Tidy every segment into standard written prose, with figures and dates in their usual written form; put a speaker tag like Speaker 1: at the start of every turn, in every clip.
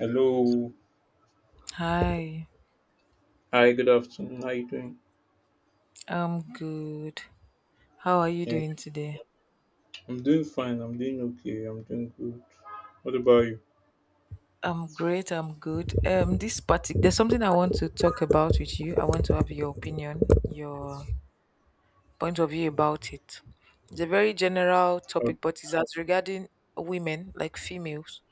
Speaker 1: Hello.
Speaker 2: Hi,
Speaker 1: Hi, good afternoon. How you doing?
Speaker 2: I'm good. How are you
Speaker 1: Yeah,
Speaker 2: doing today?
Speaker 1: I'm doing fine. I'm doing okay. I'm doing good. What about you?
Speaker 2: I'm great. I'm good. This party, there's something I want to talk about with you. I want to have your opinion, your point of view about it. It's a very general
Speaker 1: Oh,
Speaker 2: topic, but it's as regarding women, like females.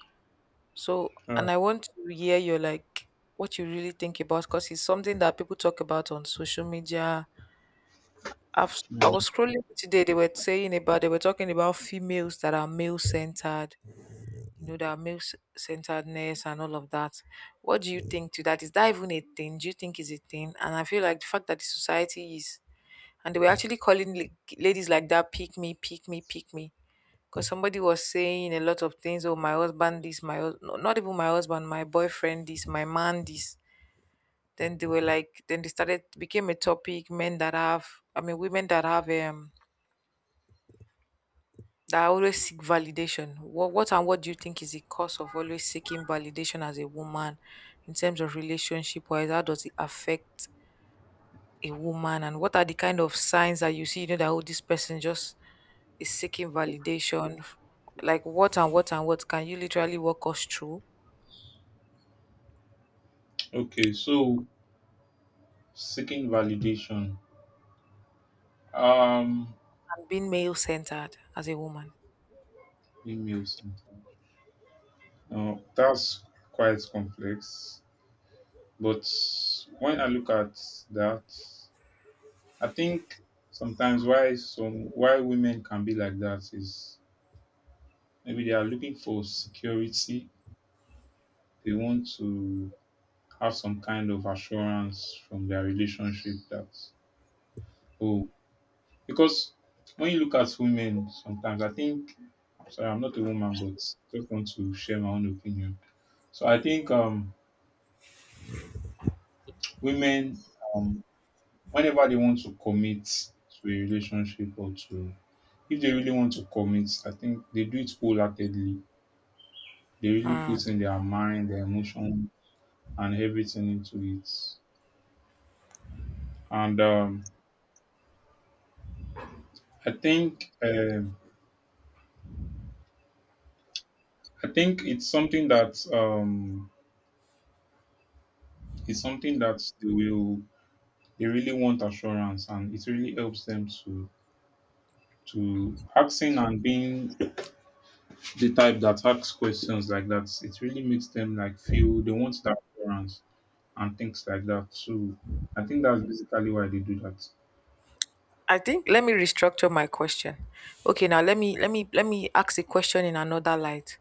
Speaker 2: So,
Speaker 1: all
Speaker 2: and
Speaker 1: right.
Speaker 2: I want to hear your like what you really think about, because it's something that people talk about on social media. I
Speaker 1: Yeah.
Speaker 2: was scrolling today. They were talking about females that are male centered, you know, that male centeredness and all of that. What do you think to that? Is that even a thing? Do you think is a thing? And I feel like the fact that the society is, and they were actually calling ladies like that: pick me, pick me, pick me. Because somebody was saying a lot of things: oh, my husband, this, no, not even my husband, my boyfriend, this, my man, this. Then they were like, then they started, became a topic, men that have, I mean, women that have that I always seek validation. What do you think is the cause of always seeking validation as a woman in terms of relationship wise? How does it affect a woman? And what are the kind of signs that you see, you know, that oh, this person just is seeking validation? Like what and what and what can you literally walk us through
Speaker 1: Okay, so seeking validation. Um,
Speaker 2: and being male centered as a woman?
Speaker 1: email sometimes. Now that's quite complex, but when I look at that, I think sometimes why women can be like that is maybe they are looking for security. They want to have some kind of assurance from their relationship that oh, because when you look at women sometimes, I think, sorry, I'm not a woman, but just want to share my own opinion. So I think women um whenever they want to commit to a relationship, or to if they really want to commit, I think they do it wholeheartedly. They really put in their mind, their emotion and everything into it. And I think um I think it's something that they will, they really want assurance, and it really helps them to asking and being the type that asks questions like that. It really makes them like feel they want that assurance and things like that. So I think that's basically why they do that.
Speaker 2: I think let me restructure my question. Okay, now let me ask the question in another light.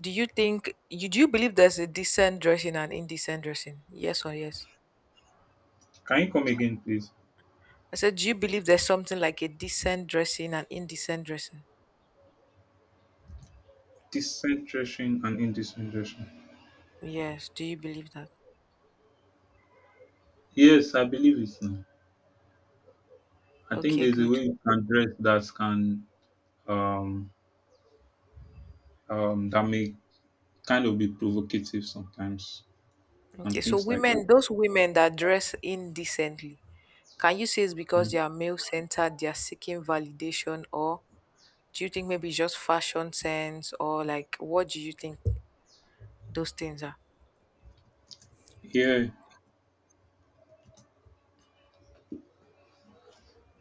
Speaker 2: Do you believe there's a decent dressing and indecent dressing? Yes or yes?
Speaker 1: Can you come again, please?
Speaker 2: I said, do you believe there's something like a decent dressing and indecent dressing?
Speaker 1: Decentration and indecentration.
Speaker 2: Yes. Do you believe that?
Speaker 1: Yes, I believe it now. I think
Speaker 2: Okay,
Speaker 1: there's a
Speaker 2: good.
Speaker 1: way you can dress that can um, that may kind of be provocative sometimes
Speaker 2: Okay,
Speaker 1: and
Speaker 2: so
Speaker 1: things like that.
Speaker 2: women, those women that dress indecently, can you say it's because they
Speaker 1: Mm.
Speaker 2: are male centered, they are seeking validation, or do you think maybe it's just fashion sense, or like what do you think? Those things are.
Speaker 1: Yeah.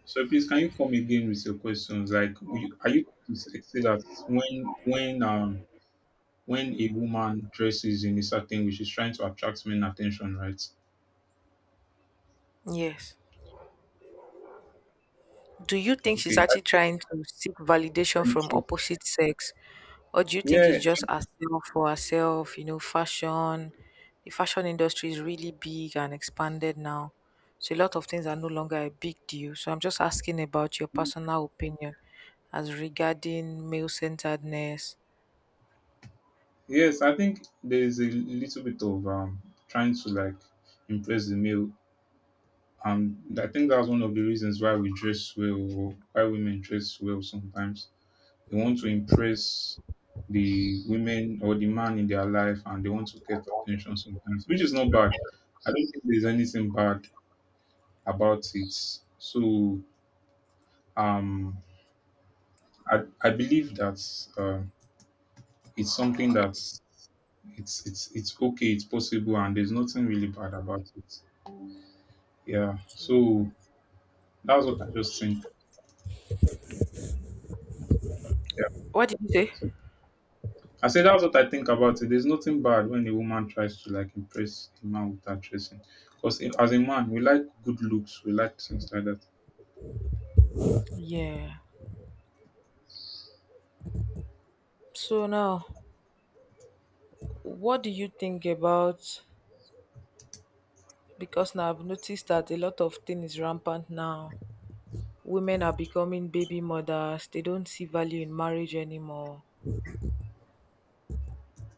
Speaker 1: So please, can you come again with your questions? Like, are you to say that when when a woman dresses in a certain way, she's trying to attract men attention, right?
Speaker 2: Yes. Do you think she's
Speaker 1: Okay. I
Speaker 2: actually
Speaker 1: think
Speaker 2: trying to seek validation from
Speaker 1: friendship.
Speaker 2: opposite sex? Or do you think it's
Speaker 1: Yeah.
Speaker 2: just herself for herself? You know, fashion. The fashion industry is really big and expanded now. So a lot of things are no longer a big deal. So I'm just asking about your personal opinion as regarding male centeredness.
Speaker 1: Yes, I think there is a little bit of trying to like impress the male. Um, I think that's one of the reasons why we dress well, or why women dress well sometimes. They want to impress the women or the man in their life, and they want to get attention sometimes, which is not bad. I don't think there's anything bad about it. So um, I believe that uh, it's something that it's okay, it's possible, and there's nothing really bad about it. Yeah.
Speaker 2: Okay.
Speaker 1: So that's what I just think. Yeah.
Speaker 2: What did you say?
Speaker 1: So I say that's what I think about it. There's nothing bad when a woman tries to like impress a man without dressing. Because as a man, we like good looks, we like things like that.
Speaker 2: Yeah. So now, what do you think about, because now I've noticed that a lot of things is rampant now. Women are becoming baby mothers. They don't see value in marriage anymore.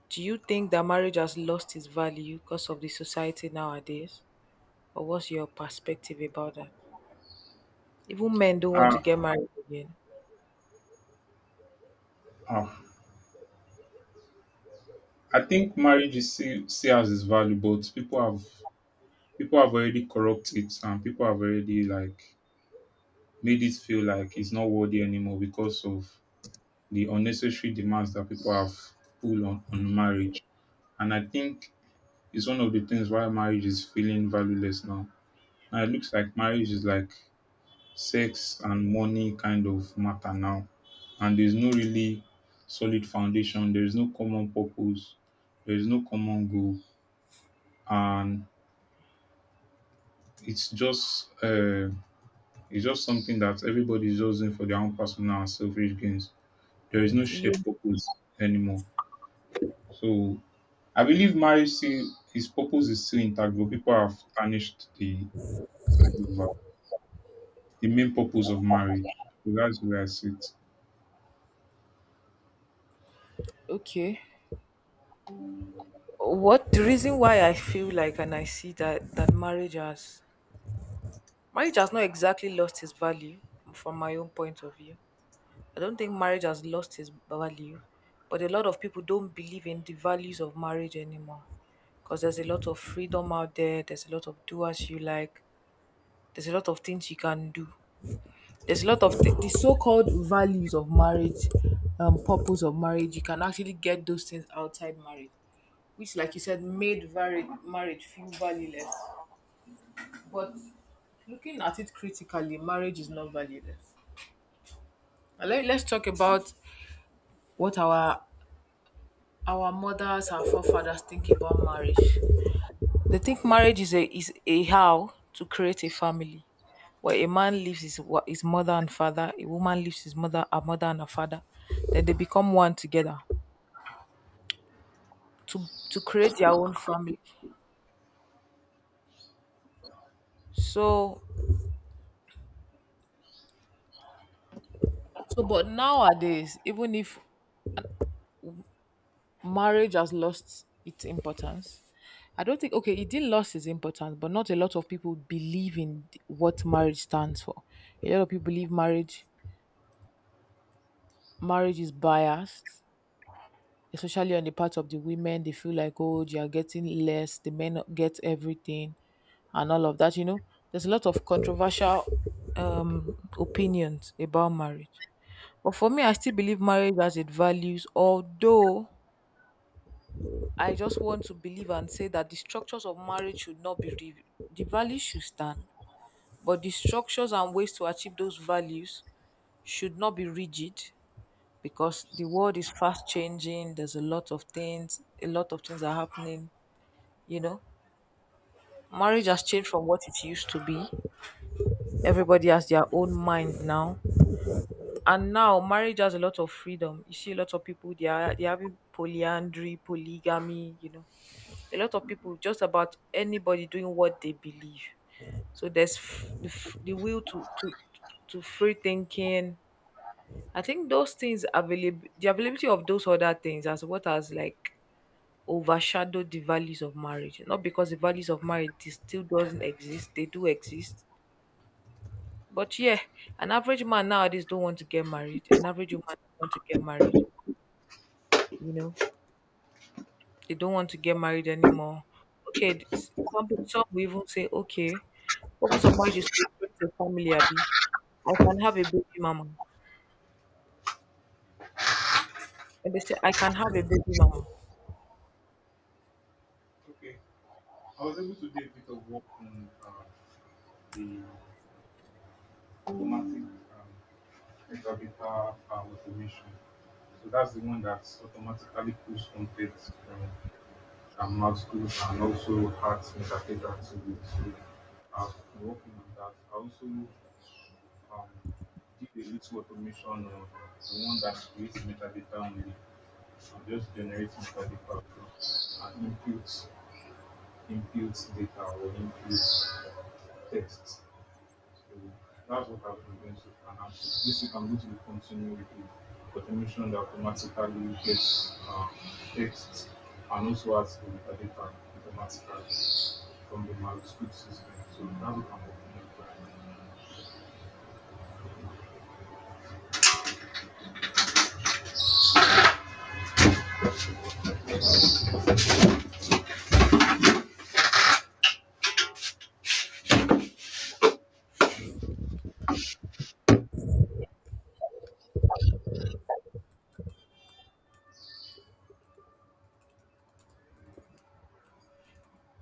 Speaker 2: Do you think that marriage has lost its value because of the society nowadays? Or what's your perspective about that? Even men don't want
Speaker 1: Ah,
Speaker 2: to get married again.
Speaker 1: ah. I think marriage is, see, see as its value, but people have already corrupted it, and people have already like made it feel like it's not worthy anymore because of the unnecessary demands that people have put on marriage. And I think it's one of the things why marriage is feeling valueless now. Now it looks like marriage is like sex and money kind of matter now. And there's no really solid foundation. There is no common purpose. There is no common goal. And it's just uh, it's just something that everybody's just doing for their own personal and selfish gains. There is no shared
Speaker 2: You
Speaker 1: purpose anymore. So I believe marriage still, his purpose is still intact, but people have tarnished the main purpose of marriage. So that's where I sit.
Speaker 2: okay? What the reason why I feel like and I see that marriage has, marriage has not exactly lost its value, from my own point of view, I don't think marriage has lost its value, but a lot of people don't believe in the values of marriage anymore, because there's a lot of freedom out there, there's a lot of do as you like, there's a lot of things you can do. There's a lot of the so called values of marriage, purpose of marriage, you can actually get those things outside marriage, which, like you said, made marriage feel valueless. But looking at it critically, marriage is not valueless. Now, let's talk about what our mothers and forefathers think about marriage. They think marriage is a how to create a family, where a man leaves his mother and father, a woman leaves her mother and her father, then they become one together to create their own family. So so, but nowadays, even if marriage has lost its importance, I don't think, okay, it did lost its importance, but not a lot of people believe in what marriage stands for. A lot of people believe marriage is biased, especially on the part of the women. They feel like, oh, they are getting less, the men get everything, and all of that. You know, there's a lot of controversial opinions about marriage. But for me, I still believe marriage has its values, although I just want to believe and say that the structures of marriage should not be, the values should stand, but the structures and ways to achieve those values should not be rigid, because the world is fast changing. There's a lot of things, a lot of things are happening, you know. Marriage has changed from what it used to be. Everybody has their own mind now. And now marriage has a lot of freedom. You see a lot of people they are having polyandry, polygamy, you know. A lot of people, just about anybody, doing what they believe. So there's f- the will to, to free thinking. I think those things available, the availability of those other things as what has like overshadow the values of marriage. Not because the values of marriage still doesn't exist, they do exist. But yeah, an average man nowadays don't want to get married. An average woman don't want to get married. You know, they don't want to get married anymore. Okay, some will even say, okay, purpose of marriage is to create a family. Abi, I can have a baby mama, and they say I can have a baby mama.
Speaker 1: Okay. I was able to do a bit of work on the automatic um, interpreter automation. So that's the one that automatically pulls content from mouse tools and also adds metadata to it. So I've been working on that. I also did a little automation on the one that creates metadata only. I just generate metadata and inputs data, or inputs text. So that's what I've been doing so far. Now, this week I'm going to be continuing with the automation that automatically gets text and also has the metadata automatically from the MySQL system. So that's what I'm working on right now.